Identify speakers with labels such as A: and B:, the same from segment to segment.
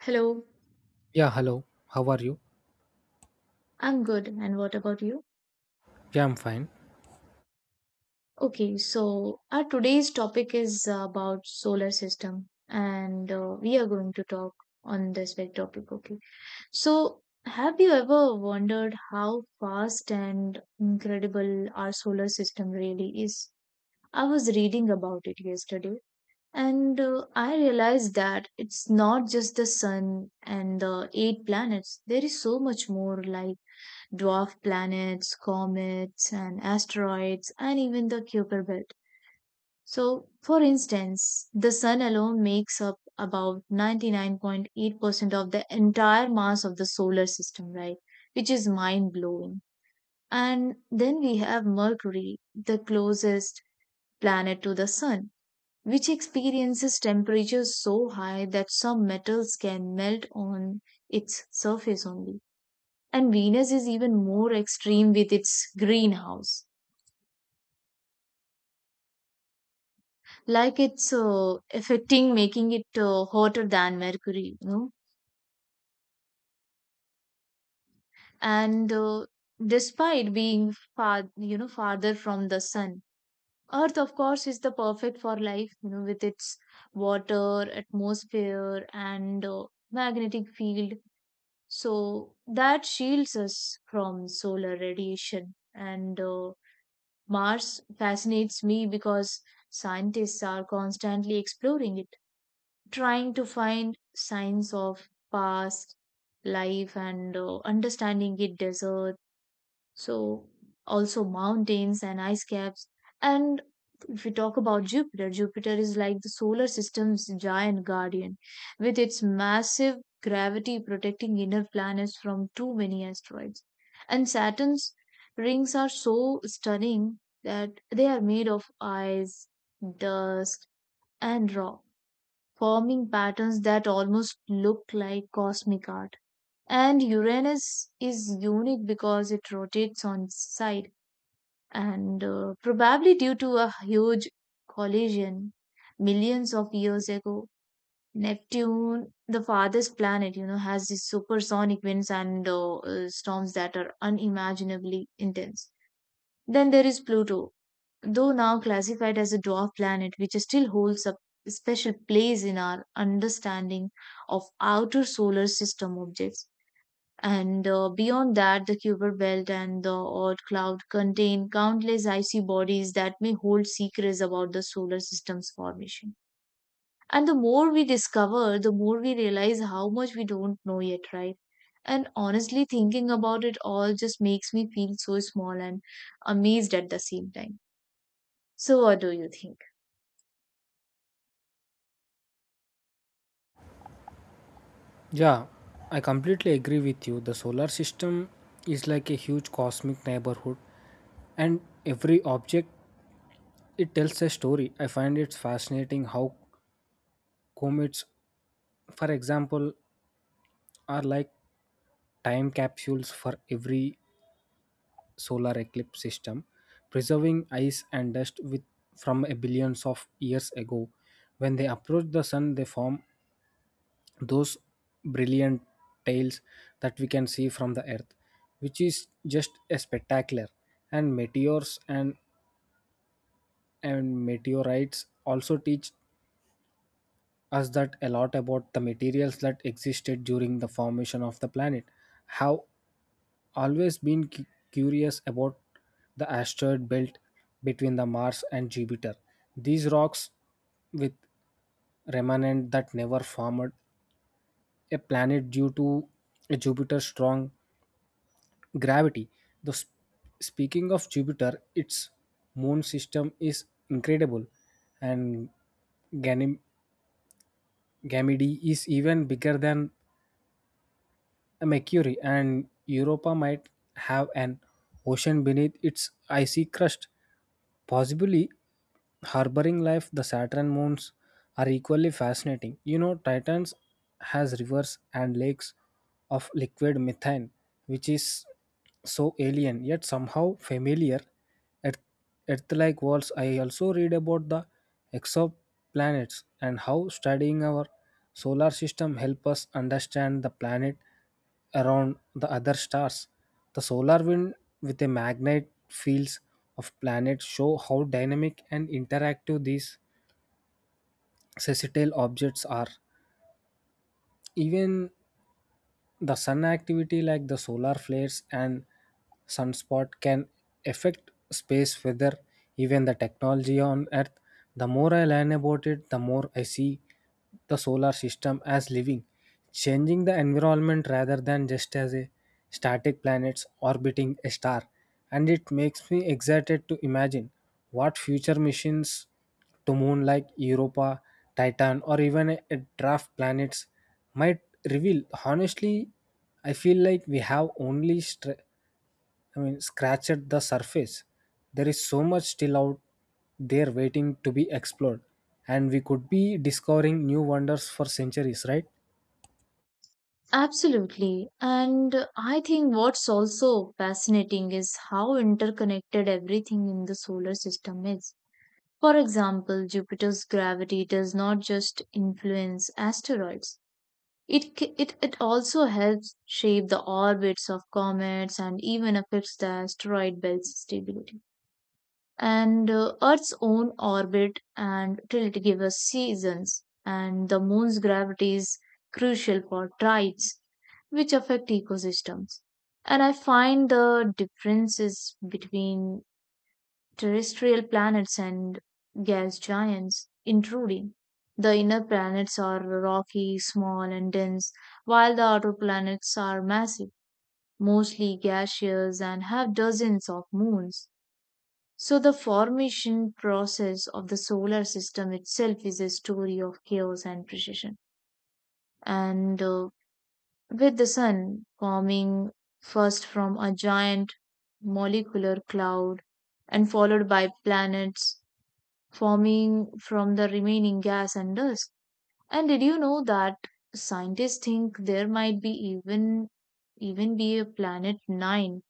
A: Hello.
B: Yeah, hello. How are you?
A: I'm good. And what about you?
B: Yeah, I'm fine.
A: Okay, so our today's topic is about solar system, and we are going to talk on this very topic. Okay, so have you ever wondered how fast and incredible our solar system really is? I was reading about it yesterday, and I realized that it's not just the sun and the eight planets. There is so much more, like dwarf planets, comets, and asteroids, and even the Kuiper Belt. So, for instance, the Sun alone makes up about 99.8% of the entire mass of the solar system, right? Which is mind blowing. And then we have Mercury, the closest planet to the Sun, which experiences temperatures so high that some metals can melt on its surface only. And Venus is even more extreme with its greenhouse. Like it's affecting, making it hotter than Mercury. And despite being far, farther from the sun, Earth, of course, is the perfect for life, with its water, atmosphere, and magnetic field. So that shields us from solar radiation. And Mars fascinates me because scientists are constantly exploring it, trying to find signs of past life and understanding its desert, so also mountains and ice caps. And if we talk about Jupiter, Jupiter is like the solar system's giant guardian with its massive gravity protecting inner planets from too many asteroids. And Saturn's rings are so stunning that they are made of ice, dust, and rock, forming patterns that almost look like cosmic art. And Uranus is unique because it rotates on its side, and probably due to a huge collision millions of years ago. Neptune, the farthest planet has these supersonic winds and storms that are unimaginably intense. Then there is Pluto, though now classified as a dwarf planet, which still holds a special place in our understanding of outer solar system objects. And beyond that, the Kuiper Belt and the Oort cloud contain countless icy bodies that may hold secrets about the solar system's formation. And the more we discover, the more we realize how much we don't know yet, right? And honestly, thinking about it all just makes me feel so small and amazed at the same time. So, what do you think?
B: Yeah, I completely agree with you. The solar system is like a huge cosmic neighborhood, and every object it tells a story. I find it's fascinating how comets, for example, are like time capsules for every solar eclipse system, preserving ice and dust with from a billions of years ago. When they approach the sun, they form those brilliant tails that we can see from the earth, which is just a spectacular. And meteors and meteorites also teach us that a lot about the materials that existed during the formation of the planet. Have always been curious about the asteroid belt between the Mars and Jupiter, these rocks with remnant that never formed a planet due to Jupiter's strong gravity. The sp- Speaking of Jupiter, its moon system is incredible, and Ganym- Ganymede is even bigger than Mercury, and Europa might have an ocean beneath its icy crust, possibly harboring life. The Saturn moons are equally fascinating. You know, Titans has rivers and lakes of liquid methane, which is so alien yet somehow familiar. Earth-like worlds, I also read about the exoplanets and how studying our solar system help us understand the planet around the other stars. The solar wind with a magnet fields of planets show how dynamic and interactive these celestial objects are. Even the sun activity, like the solar flares and sunspot, can affect space weather, even the technology on Earth. The more I learn about it, the more I see the solar system as living, changing the environment rather than just as a static planets orbiting a star. And it makes me excited to imagine what future missions to moon like Europa, Titan, or even a draft planets might reveal. Honestly, I feel like we have only scratched the surface. There is so much still out there waiting to be explored, and we could be discovering new wonders for centuries, right?
A: Absolutely. And I think what's also fascinating is how interconnected everything in the solar system is. For example, Jupiter's gravity does not just influence asteroids. It also helps shape the orbits of comets and even affects the asteroid belt's stability. And Earth's own orbit and tilt give us seasons, and the moon's gravity is crucial for tides, which affect ecosystems. And I find the differences between terrestrial planets and gas giants intruding. The inner planets are rocky, small, and dense, while the outer planets are massive, mostly gaseous, and have dozens of moons. So, the formation process of the solar system itself is a story of chaos and precision. And with the sun forming first from a giant molecular cloud and followed by planets forming from the remaining gas and dust. And did you know that scientists think there might be even be a planet 9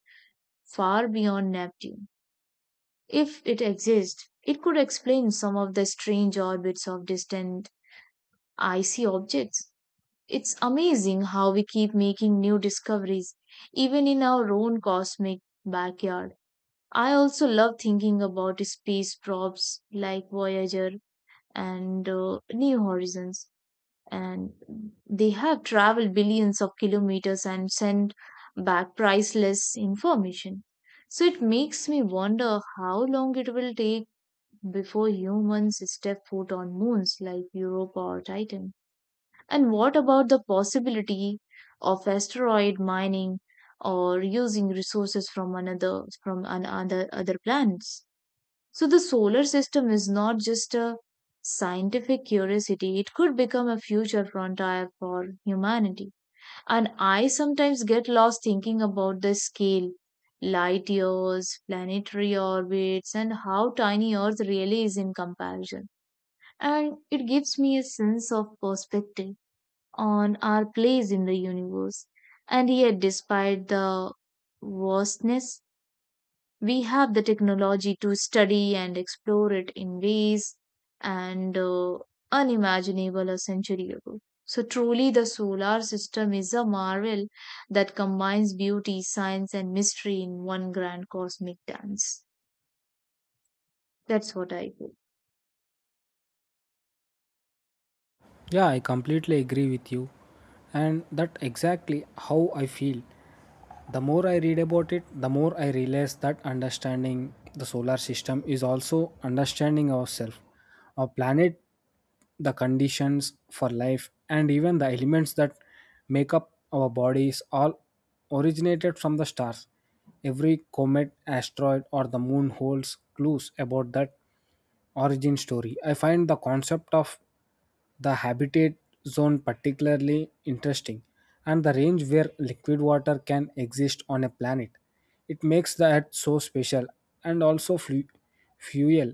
A: far beyond Neptune? If it exists, it could explain some of the strange orbits of distant icy objects. It's amazing how we keep making new discoveries, even in our own cosmic backyard. I also love thinking about space probes like Voyager and new horizons. And they have traveled billions of kilometers and sent back priceless information. So it makes me wonder how long it will take before humans step foot on moons like Europa or Titan. And what about the possibility of asteroid mining or using resources from another from an other planets? So the solar system is not just a scientific curiosity, it could become a future frontier for humanity. And I sometimes get lost thinking about the scale, light years, planetary orbits, and how tiny Earth really is in comparison. And it gives me a sense of perspective on our place in the universe. And yet, despite the vastness, we have the technology to study and explore it in ways and unimaginable a century ago. So truly the solar system is a marvel that combines beauty, science and mystery in one grand cosmic dance. That's what I feel.
B: Yeah, I completely agree with you, and that exactly how I feel. The more I read about it, the more I realize that understanding the solar system is also understanding ourselves, our planet, the conditions for life, and even the elements that make up our bodies all originated from the stars. Every comet, asteroid, or the moon holds clues about that origin story. I find the concept of the habitat zone particularly interesting and the range where liquid water can exist on a planet. It makes the earth so special and also fuel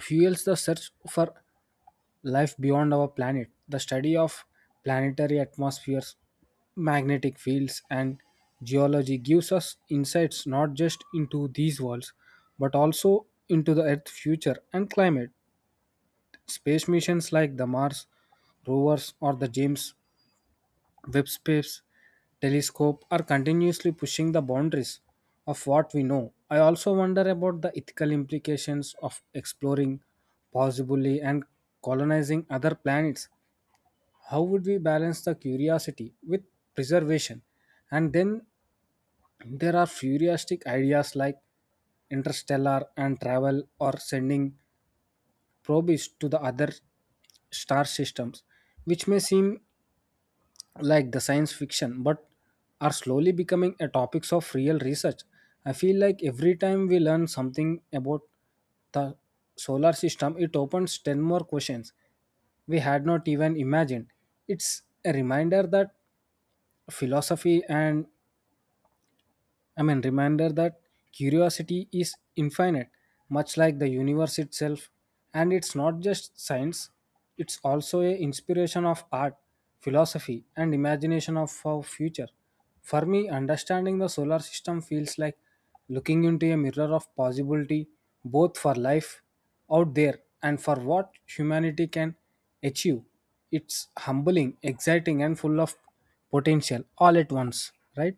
B: fuels the search for life beyond our planet. The study of planetary atmospheres, magnetic fields and geology gives us insights not just into these worlds but also into the earth's future and climate. Space missions like the Mars rovers or the James Webb Space Telescope are continuously pushing the boundaries of what we know. I also wonder about the ethical implications of exploring, possibly, and colonizing other planets. How would we balance the curiosity with preservation? And then there are futuristic ideas like interstellar and travel or sending probes to the other star systems, which may seem like the science fiction but are slowly becoming a topics of real research. I feel like every time we learn something about the solar system, it opens 10 more questions we had not even imagined. It's a reminder that philosophy and, I mean, reminder that curiosity is infinite, much like the universe itself. And it's not just science, it's also a inspiration of art, philosophy, and imagination of our future. For me, understanding the solar system feels like looking into a mirror of possibility, both for life out there and for what humanity can achieve. It's humbling, exciting, and full of potential all at once, right?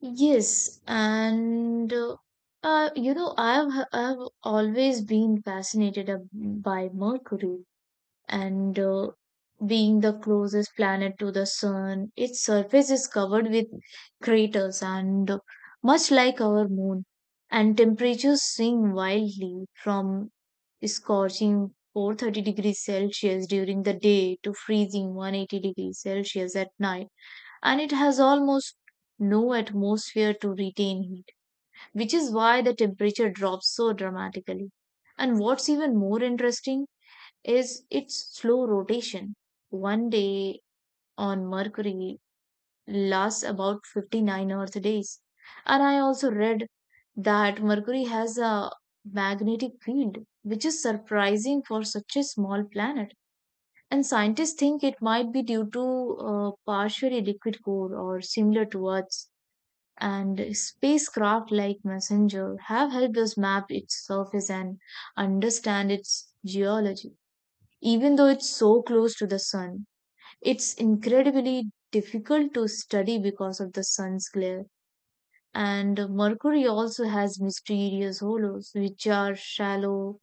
A: Yes, and I've always been fascinated by Mercury and being the closest planet to the sun, its surface is covered with craters and much like our moon, and temperatures swing wildly from scorching 430 degrees Celsius during the day to freezing 180 degrees Celsius at night, and it has almost no atmosphere to retain heat, which is why the temperature drops so dramatically. And what's even more interesting is its slow rotation. One day on Mercury lasts about 59 Earth days. And I also read that Mercury has a magnetic field, which is surprising for such a small planet. And scientists think it might be due to a partially liquid core or similar to Earth's. And spacecraft like Messenger have helped us map its surface and understand its geology even though it's so close to the sun. It's incredibly difficult to study because of the sun's glare. And Mercury also has mysterious hollows, which are shallow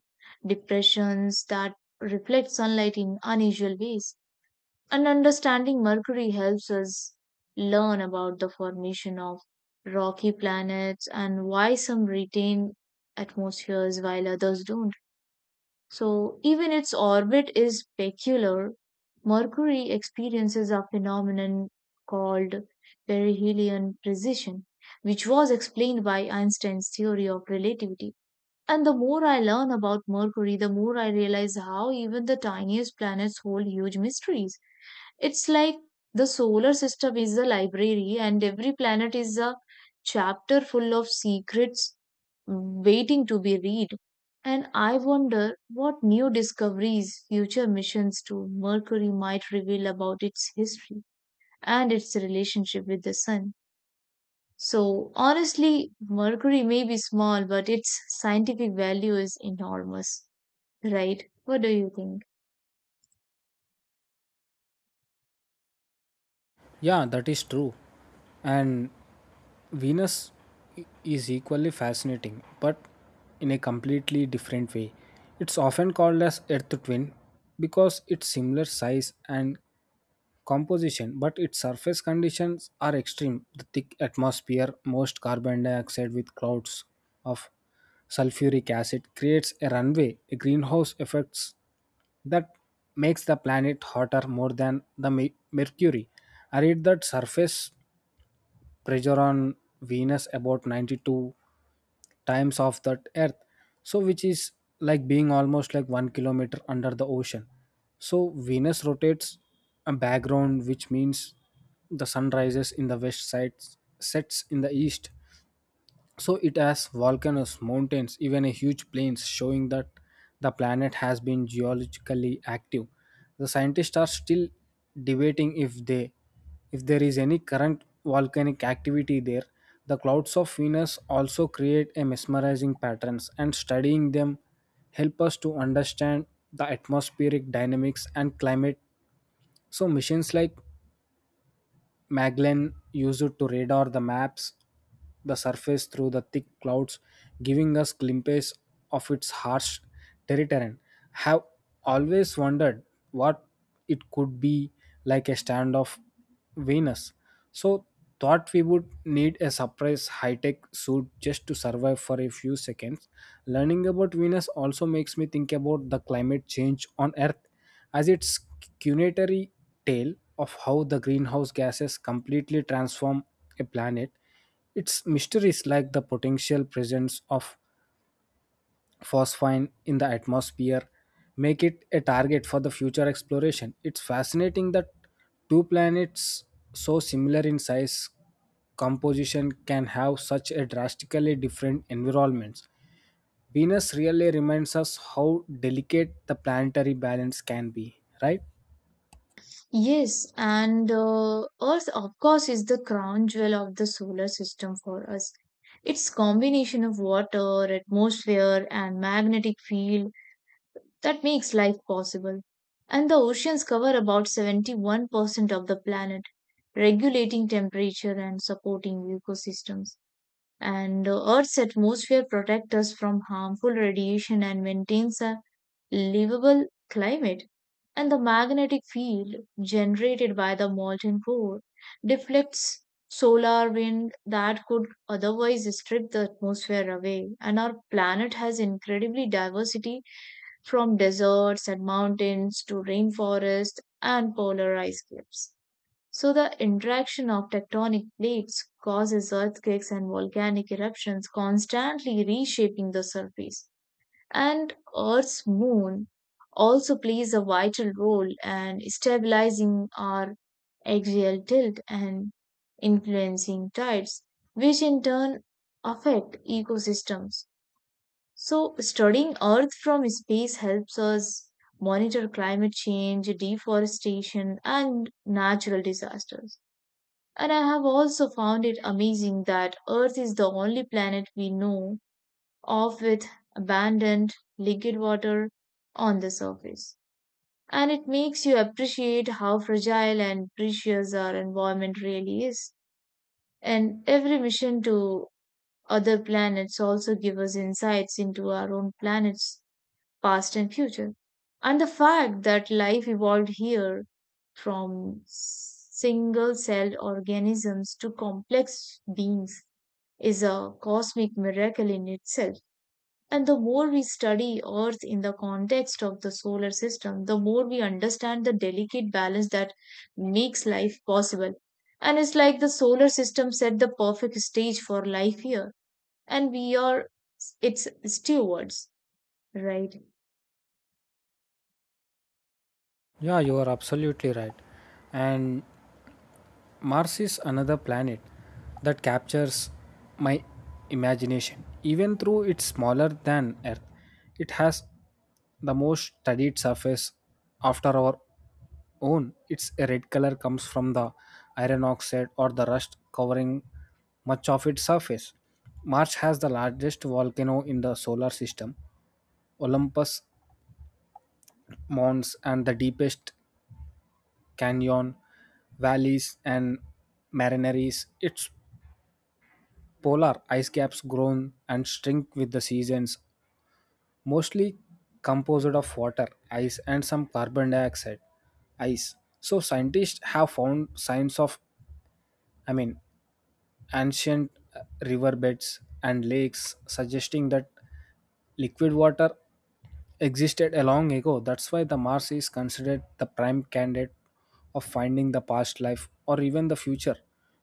A: depressions that reflect sunlight in unusual ways. And understanding Mercury helps us learn about the formation of rocky planets and why some retain atmospheres while others don't. So, even its orbit is peculiar. Mercury experiences a phenomenon called perihelion precession, which was explained by Einstein's theory of relativity. And the more I learn about Mercury, the more I realize how even the tiniest planets hold huge mysteries. It's like the solar system is a library, and every planet is a chapter full of secrets waiting to be read. And I wonder what new discoveries future missions to Mercury might reveal about its history and its relationship with the Sun. So, honestly, Mercury may be small, but its scientific value is enormous, right? What do you think?
B: Yeah, that is true. And Venus is equally fascinating, but in a completely different way. It's often called as Earth twin because it's similar size and composition, but its surface conditions are extreme. The thick atmosphere, most carbon dioxide with clouds of sulfuric acid creates a runway, a greenhouse effects that makes the planet hotter more than the mercury. I read that surface pressure on Venus about 92 times of that earth, so which is like being almost like 1 kilometer under the ocean. So Venus rotates a background, which means the sun rises in the west side, sets in the east. So it has volcanoes, mountains, even a huge plains, showing that the planet has been geologically active. The scientists are still debating if there is any current volcanic activity there. The clouds of Venus also create a mesmerizing patterns and studying them help us to understand the atmospheric dynamics and climate. So missions like Magellan used to radar the maps the surface through the thick clouds, giving us glimpses of its harsh terrain. Have always wondered what it could be like a stand of Venus. So thought we would need a surprise high-tech suit just to survive for a few seconds. Learning about Venus also makes me think about the climate change on Earth as its cunetary tale of how the greenhouse gases completely transform a planet. Its mysteries, like the potential presence of phosphine in the atmosphere, make it a target for the future exploration. It's fascinating that two planets so similar in size composition can have such a drastically different environments. Venus really reminds us how delicate the planetary balance can be, right?
A: Yes, and Earth, of course, is the crown jewel of the solar system for us. Its combination of water, atmosphere, and magnetic field that makes life possible. And the oceans cover about 71% of the planet, regulating temperature and supporting ecosystems. And the Earth's atmosphere protects us from harmful radiation and maintains a livable climate. And the magnetic field generated by the molten core deflects solar wind that could otherwise strip the atmosphere away. And our planet has incredibly diversity from deserts and mountains to rainforests and polar ice caps. So, the interaction of tectonic plates causes earthquakes and volcanic eruptions, constantly reshaping the surface. And Earth's moon also plays a vital role in stabilizing our axial tilt and influencing tides, which in turn affect ecosystems. So, studying Earth from space helps us monitor climate change, deforestation, and natural disasters. And I have also found it amazing that Earth is the only planet we know of with abundant liquid water on the surface. And it makes you appreciate how fragile and precious our environment really is. And every mission to other planets also give us insights into our own planet's past and future. And the fact that life evolved here from single celled organisms to complex beings is a cosmic miracle in itself. And the more we study Earth in the context of the solar system, the more we understand the delicate balance that makes life possible. And it's like the solar system set the perfect stage for life here, and we are its stewards, right?
B: Yeah, you are absolutely right. And Mars is another planet that captures my imagination. Even though it's smaller than Earth, it has the most studied surface after our own. Its red color comes from the iron oxide or the rust covering much of its surface. Mars has the largest volcano in the solar system, Olympus Mons, and the deepest canyon valleys, and marineries. Its polar ice caps grown and shrink with the seasons, mostly composed of water, ice, and some carbon dioxide, ice. So scientists have found signs of, I mean, ancient riverbeds and lakes, suggesting that liquid water existed a long ago. That's why the Mars is considered the prime candidate of finding the past life or even the future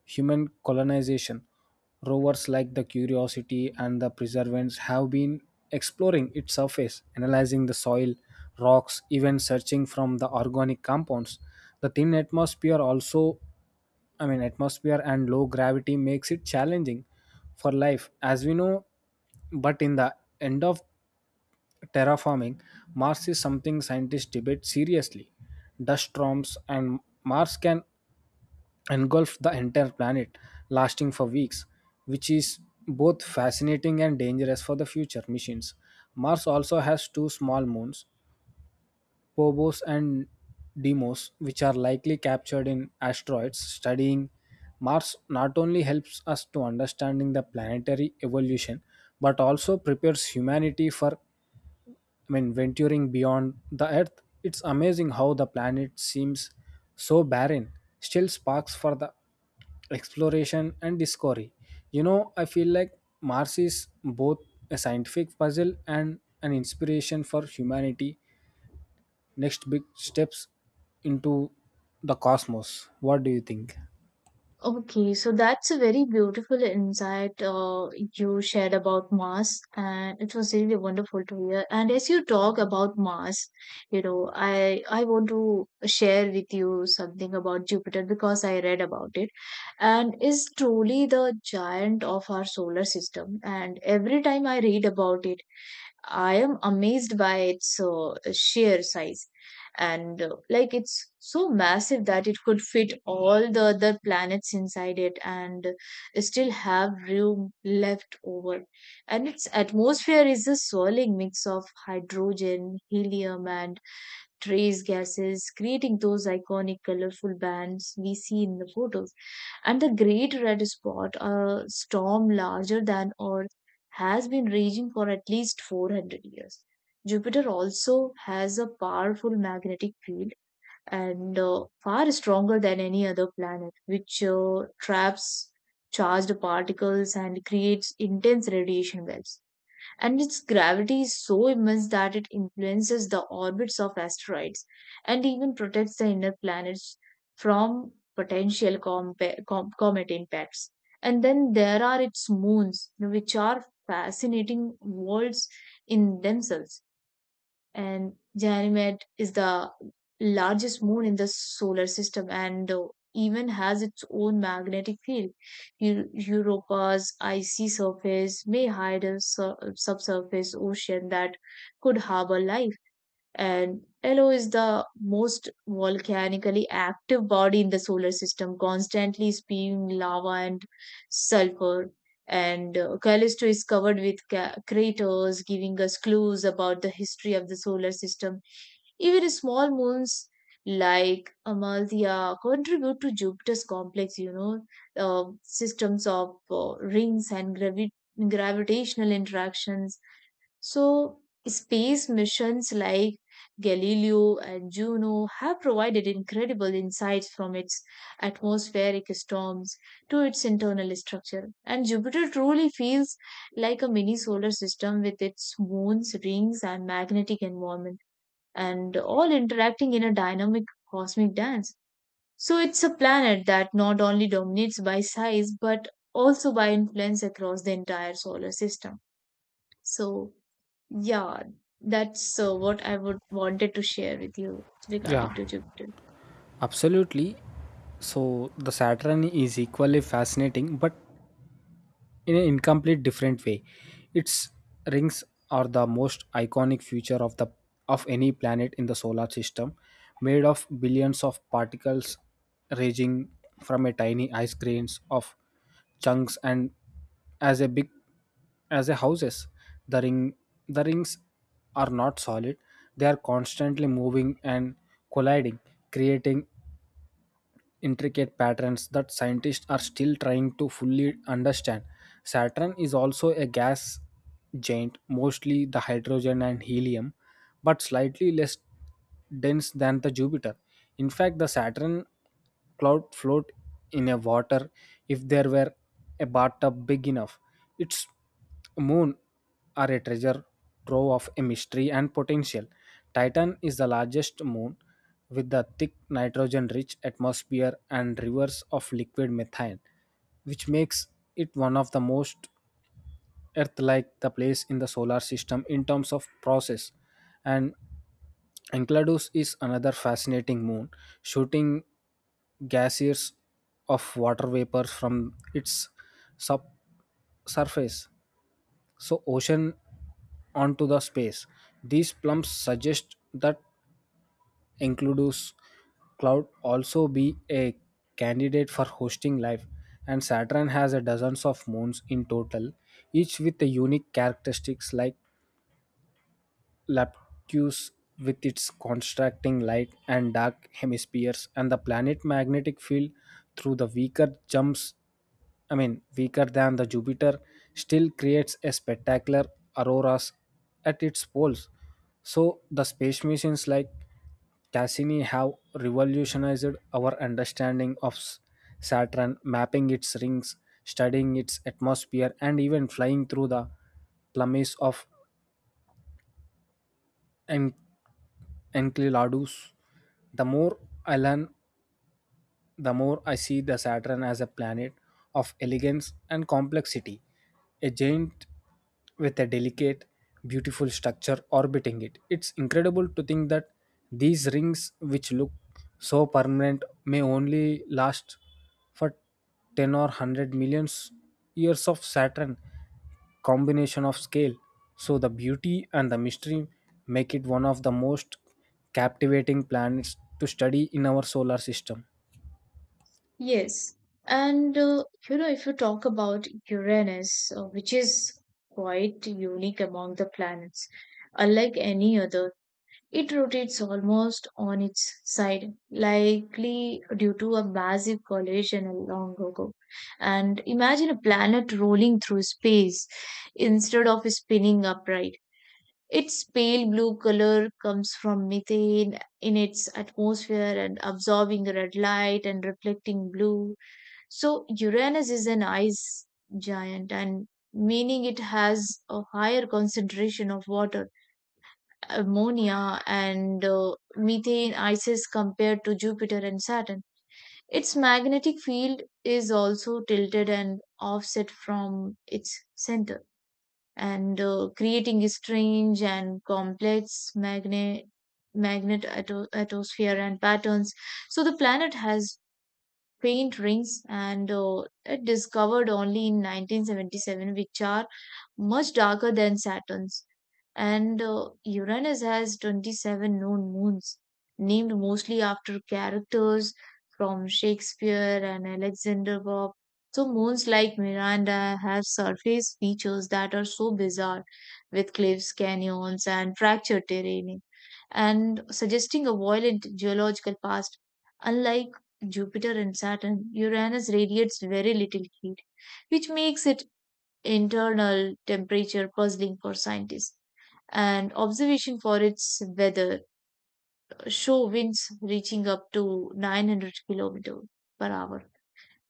B: human colonization. Rovers like the Curiosity and the Perseverance have been exploring its surface, analyzing the soil, rocks, even searching from the organic compounds. The thin atmosphere also, I mean, atmosphere and low gravity makes it challenging for life as we know, but in the end of terraforming Mars is something scientists debate seriously. Dust storms and Mars can engulf the entire planet, lasting for weeks, which is both fascinating and dangerous for the future missions. Mars also has two small moons, Phobos and Deimos, which are likely captured in asteroids. Studying Mars not only helps us to understanding the planetary evolution, but also prepares humanity for, I mean, venturing beyond the Earth. It's amazing how the planet seems so barren, still sparks for the exploration and discovery. You know, I feel like Mars is both a scientific puzzle and an inspiration for humanity next big steps into the cosmos. What do you think?
A: Okay, so that's a very beautiful insight you shared about Mars, and it was really wonderful to hear. And as you talk about Mars, you know, I want to share with you something about Jupiter because I read about it, and is truly the giant of our solar system. And every time I read about it, I am amazed by its sheer size. And like it's so massive that it could fit all the other planets inside it and still have room left over. And its atmosphere is a swirling mix of hydrogen, helium, and trace gases, creating those iconic colorful bands we see in the photos and the great red spot, a storm larger than Earth, has been raging for at least 400 years. Jupiter also has a powerful magnetic field and far stronger than any other planet, which traps charged particles and creates intense radiation waves and its gravity is so immense that it influences the orbits of asteroids and even protects the inner planets from potential comet impacts. And then there are its moons, which are fascinating worlds in themselves and Ganymede is the largest moon in the solar system and even has its own magnetic field. Europa's icy surface may hide a subsurface ocean that could harbor life and Io is the most volcanically active body in the solar system, constantly spewing lava and sulfur. And Callisto is covered with craters, giving us clues about the history of the solar system. Even small moons like Amalthea contribute to Jupiter's complex systems of rings and gravitational interactions. So, space missions like Galileo and Juno have provided incredible insights from its atmospheric storms to its internal structure. And Jupiter truly feels like a mini solar system with its moons, rings, and magnetic environment, and all interacting in a dynamic cosmic dance. So, it's a planet that not only dominates by size but also by influence across the entire solar system. So, yeah, that's what I would wanted to share with you
B: Yeah,
A: regarding to Jupiter.
B: absolutely. So the Saturn is equally fascinating, but in an incomplete different way. Its rings are the most iconic feature of the of any planet in the solar system, made of billions of particles ranging from a tiny ice grains of chunks and as a big as a houses. The ring the rings are not solid, they are constantly moving and colliding, creating intricate patterns that scientists are still trying to fully understand. Saturn is also a gas giant, mostly the hydrogen and helium, but slightly less dense than the Jupiter. In fact, the Saturn cloud float in a water if there were a bathtub big enough. It's moon are a treasure trove of a mystery and potential. Titan is the largest moon with the thick nitrogen rich atmosphere and rivers of liquid methane, which makes it one of the most Earth like the place in the solar system in terms of process. And Enceladus is another fascinating moon, shooting gaseous of water vapors from its sub- surface, so, ocean onto the space. These plums suggest that Enceladus cloud also be a candidate for hosting life, and Saturn has a dozens of moons in total, each with a unique characteristics like Laptus with its contrasting light and dark hemispheres. And the planet magnetic field through the weaker jumps, I mean weaker than the Jupiter, still creates a spectacular auroras at its poles. So the space missions like Cassini have revolutionized our understanding of Saturn, mapping its rings, studying its atmosphere, and even flying through the plumes of en- enceladus. The more I learn, the more I see the Saturn as a planet of elegance and complexity, a giant with a delicate, beautiful structure orbiting it. It's incredible to think that these rings, which look so permanent, may only last for 10 or 100 millions years of Saturn combination of scale. So the beauty and the mystery make it one of the most captivating planets to study in our solar system.
A: Yes, and if you talk about Uranus, which is quite unique among the planets, unlike any other, it rotates almost on its side, likely due to a massive collision a long ago. And imagine a planet rolling through space instead of spinning upright. Its pale blue color comes from methane in its atmosphere and absorbing red light and reflecting blue. So Uranus is an ice giant and meaning it has a higher concentration of water, ammonia and methane ices compared to Jupiter and Saturn. Its magnetic field is also tilted and offset from its center and creating a strange and complex atmosphere and patterns. So the planet has paint rings and it discovered only in 1977, which are much darker than Saturn's. And Uranus has 27 known moons, named mostly after characters from Shakespeare and Alexander Pope. So, moons like Miranda have surface features that are so bizarre, with cliffs, canyons, and fractured terrain, and suggesting a violent geological past. Unlike Jupiter and Saturn, Uranus radiates very little heat, which makes its internal temperature puzzling for scientists. And observation for its weather show winds reaching up to 900 kilometers per hour.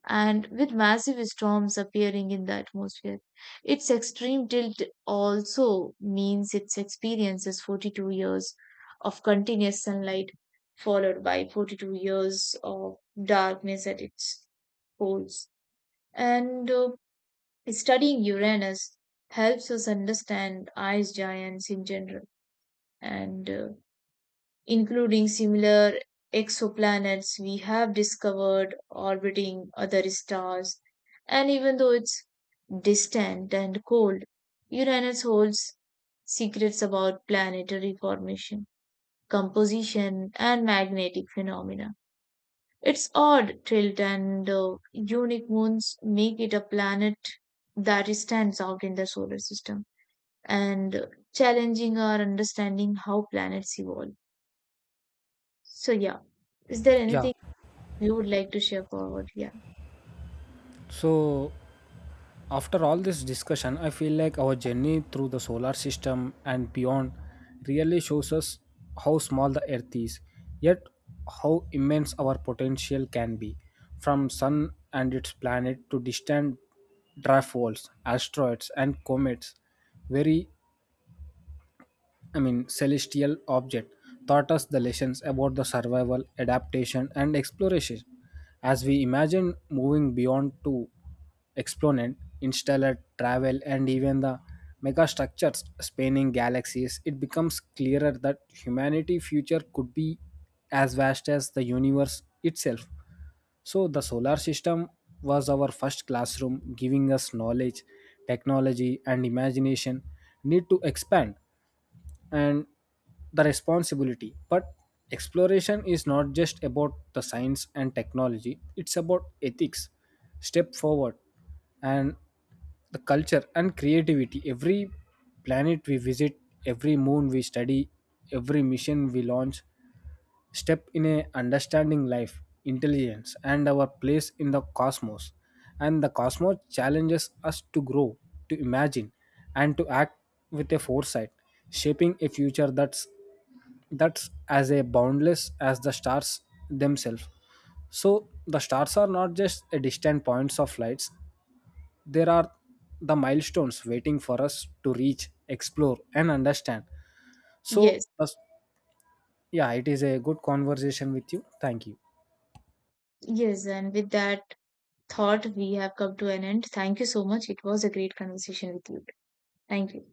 A: And with massive storms appearing in the atmosphere, its extreme tilt also means it experiences 42 years of continuous sunlight, followed by 42 years of darkness at its poles. And studying Uranus helps us understand ice giants in general, and including similar exoplanets we have discovered orbiting other stars. And even though it's distant and cold, Uranus holds secrets about planetary formation, composition, and magnetic phenomena. Its odd tilt and unique moons make it a planet that stands out in the solar system and challenging our understanding how planets evolve. So, yeah, is there
B: Yeah.
A: anything you would like to share forward? Yeah,
B: So after all this discussion, I feel like our journey through the solar system and beyond really shows us how small the earth is, yet how immense our potential can be. From sun and its planet to distant dwarf worlds, asteroids and comets, very, I mean, celestial object taught us the lessons about the survival, adaptation, and exploration. As we imagine moving beyond to exponent, interstellar travel, and even the megastructures spanning galaxies, it becomes clearer that humanity's future could be as vast as the universe itself. So the solar system was our first classroom, giving us knowledge, technology, and imagination need to expand and the responsibility. But exploration is not just about the science and technology, it's about ethics, step forward, and the culture and creativity. Every planet we visit, every moon we study, every mission we launch step in a understanding life intelligence and our place in the cosmos. And the cosmos challenges us to grow, to imagine, and to act with a foresight, shaping a future that's as a boundless as the stars themselves. So the stars are not just a distant points of lights, there are the milestones waiting for us to reach explore and understand. So
A: yes,
B: yeah, it is a good conversation with you. Thank you.
A: yes. And with that thought, we have come to an end. Thank you so much. It was a great conversation with you. Thank you.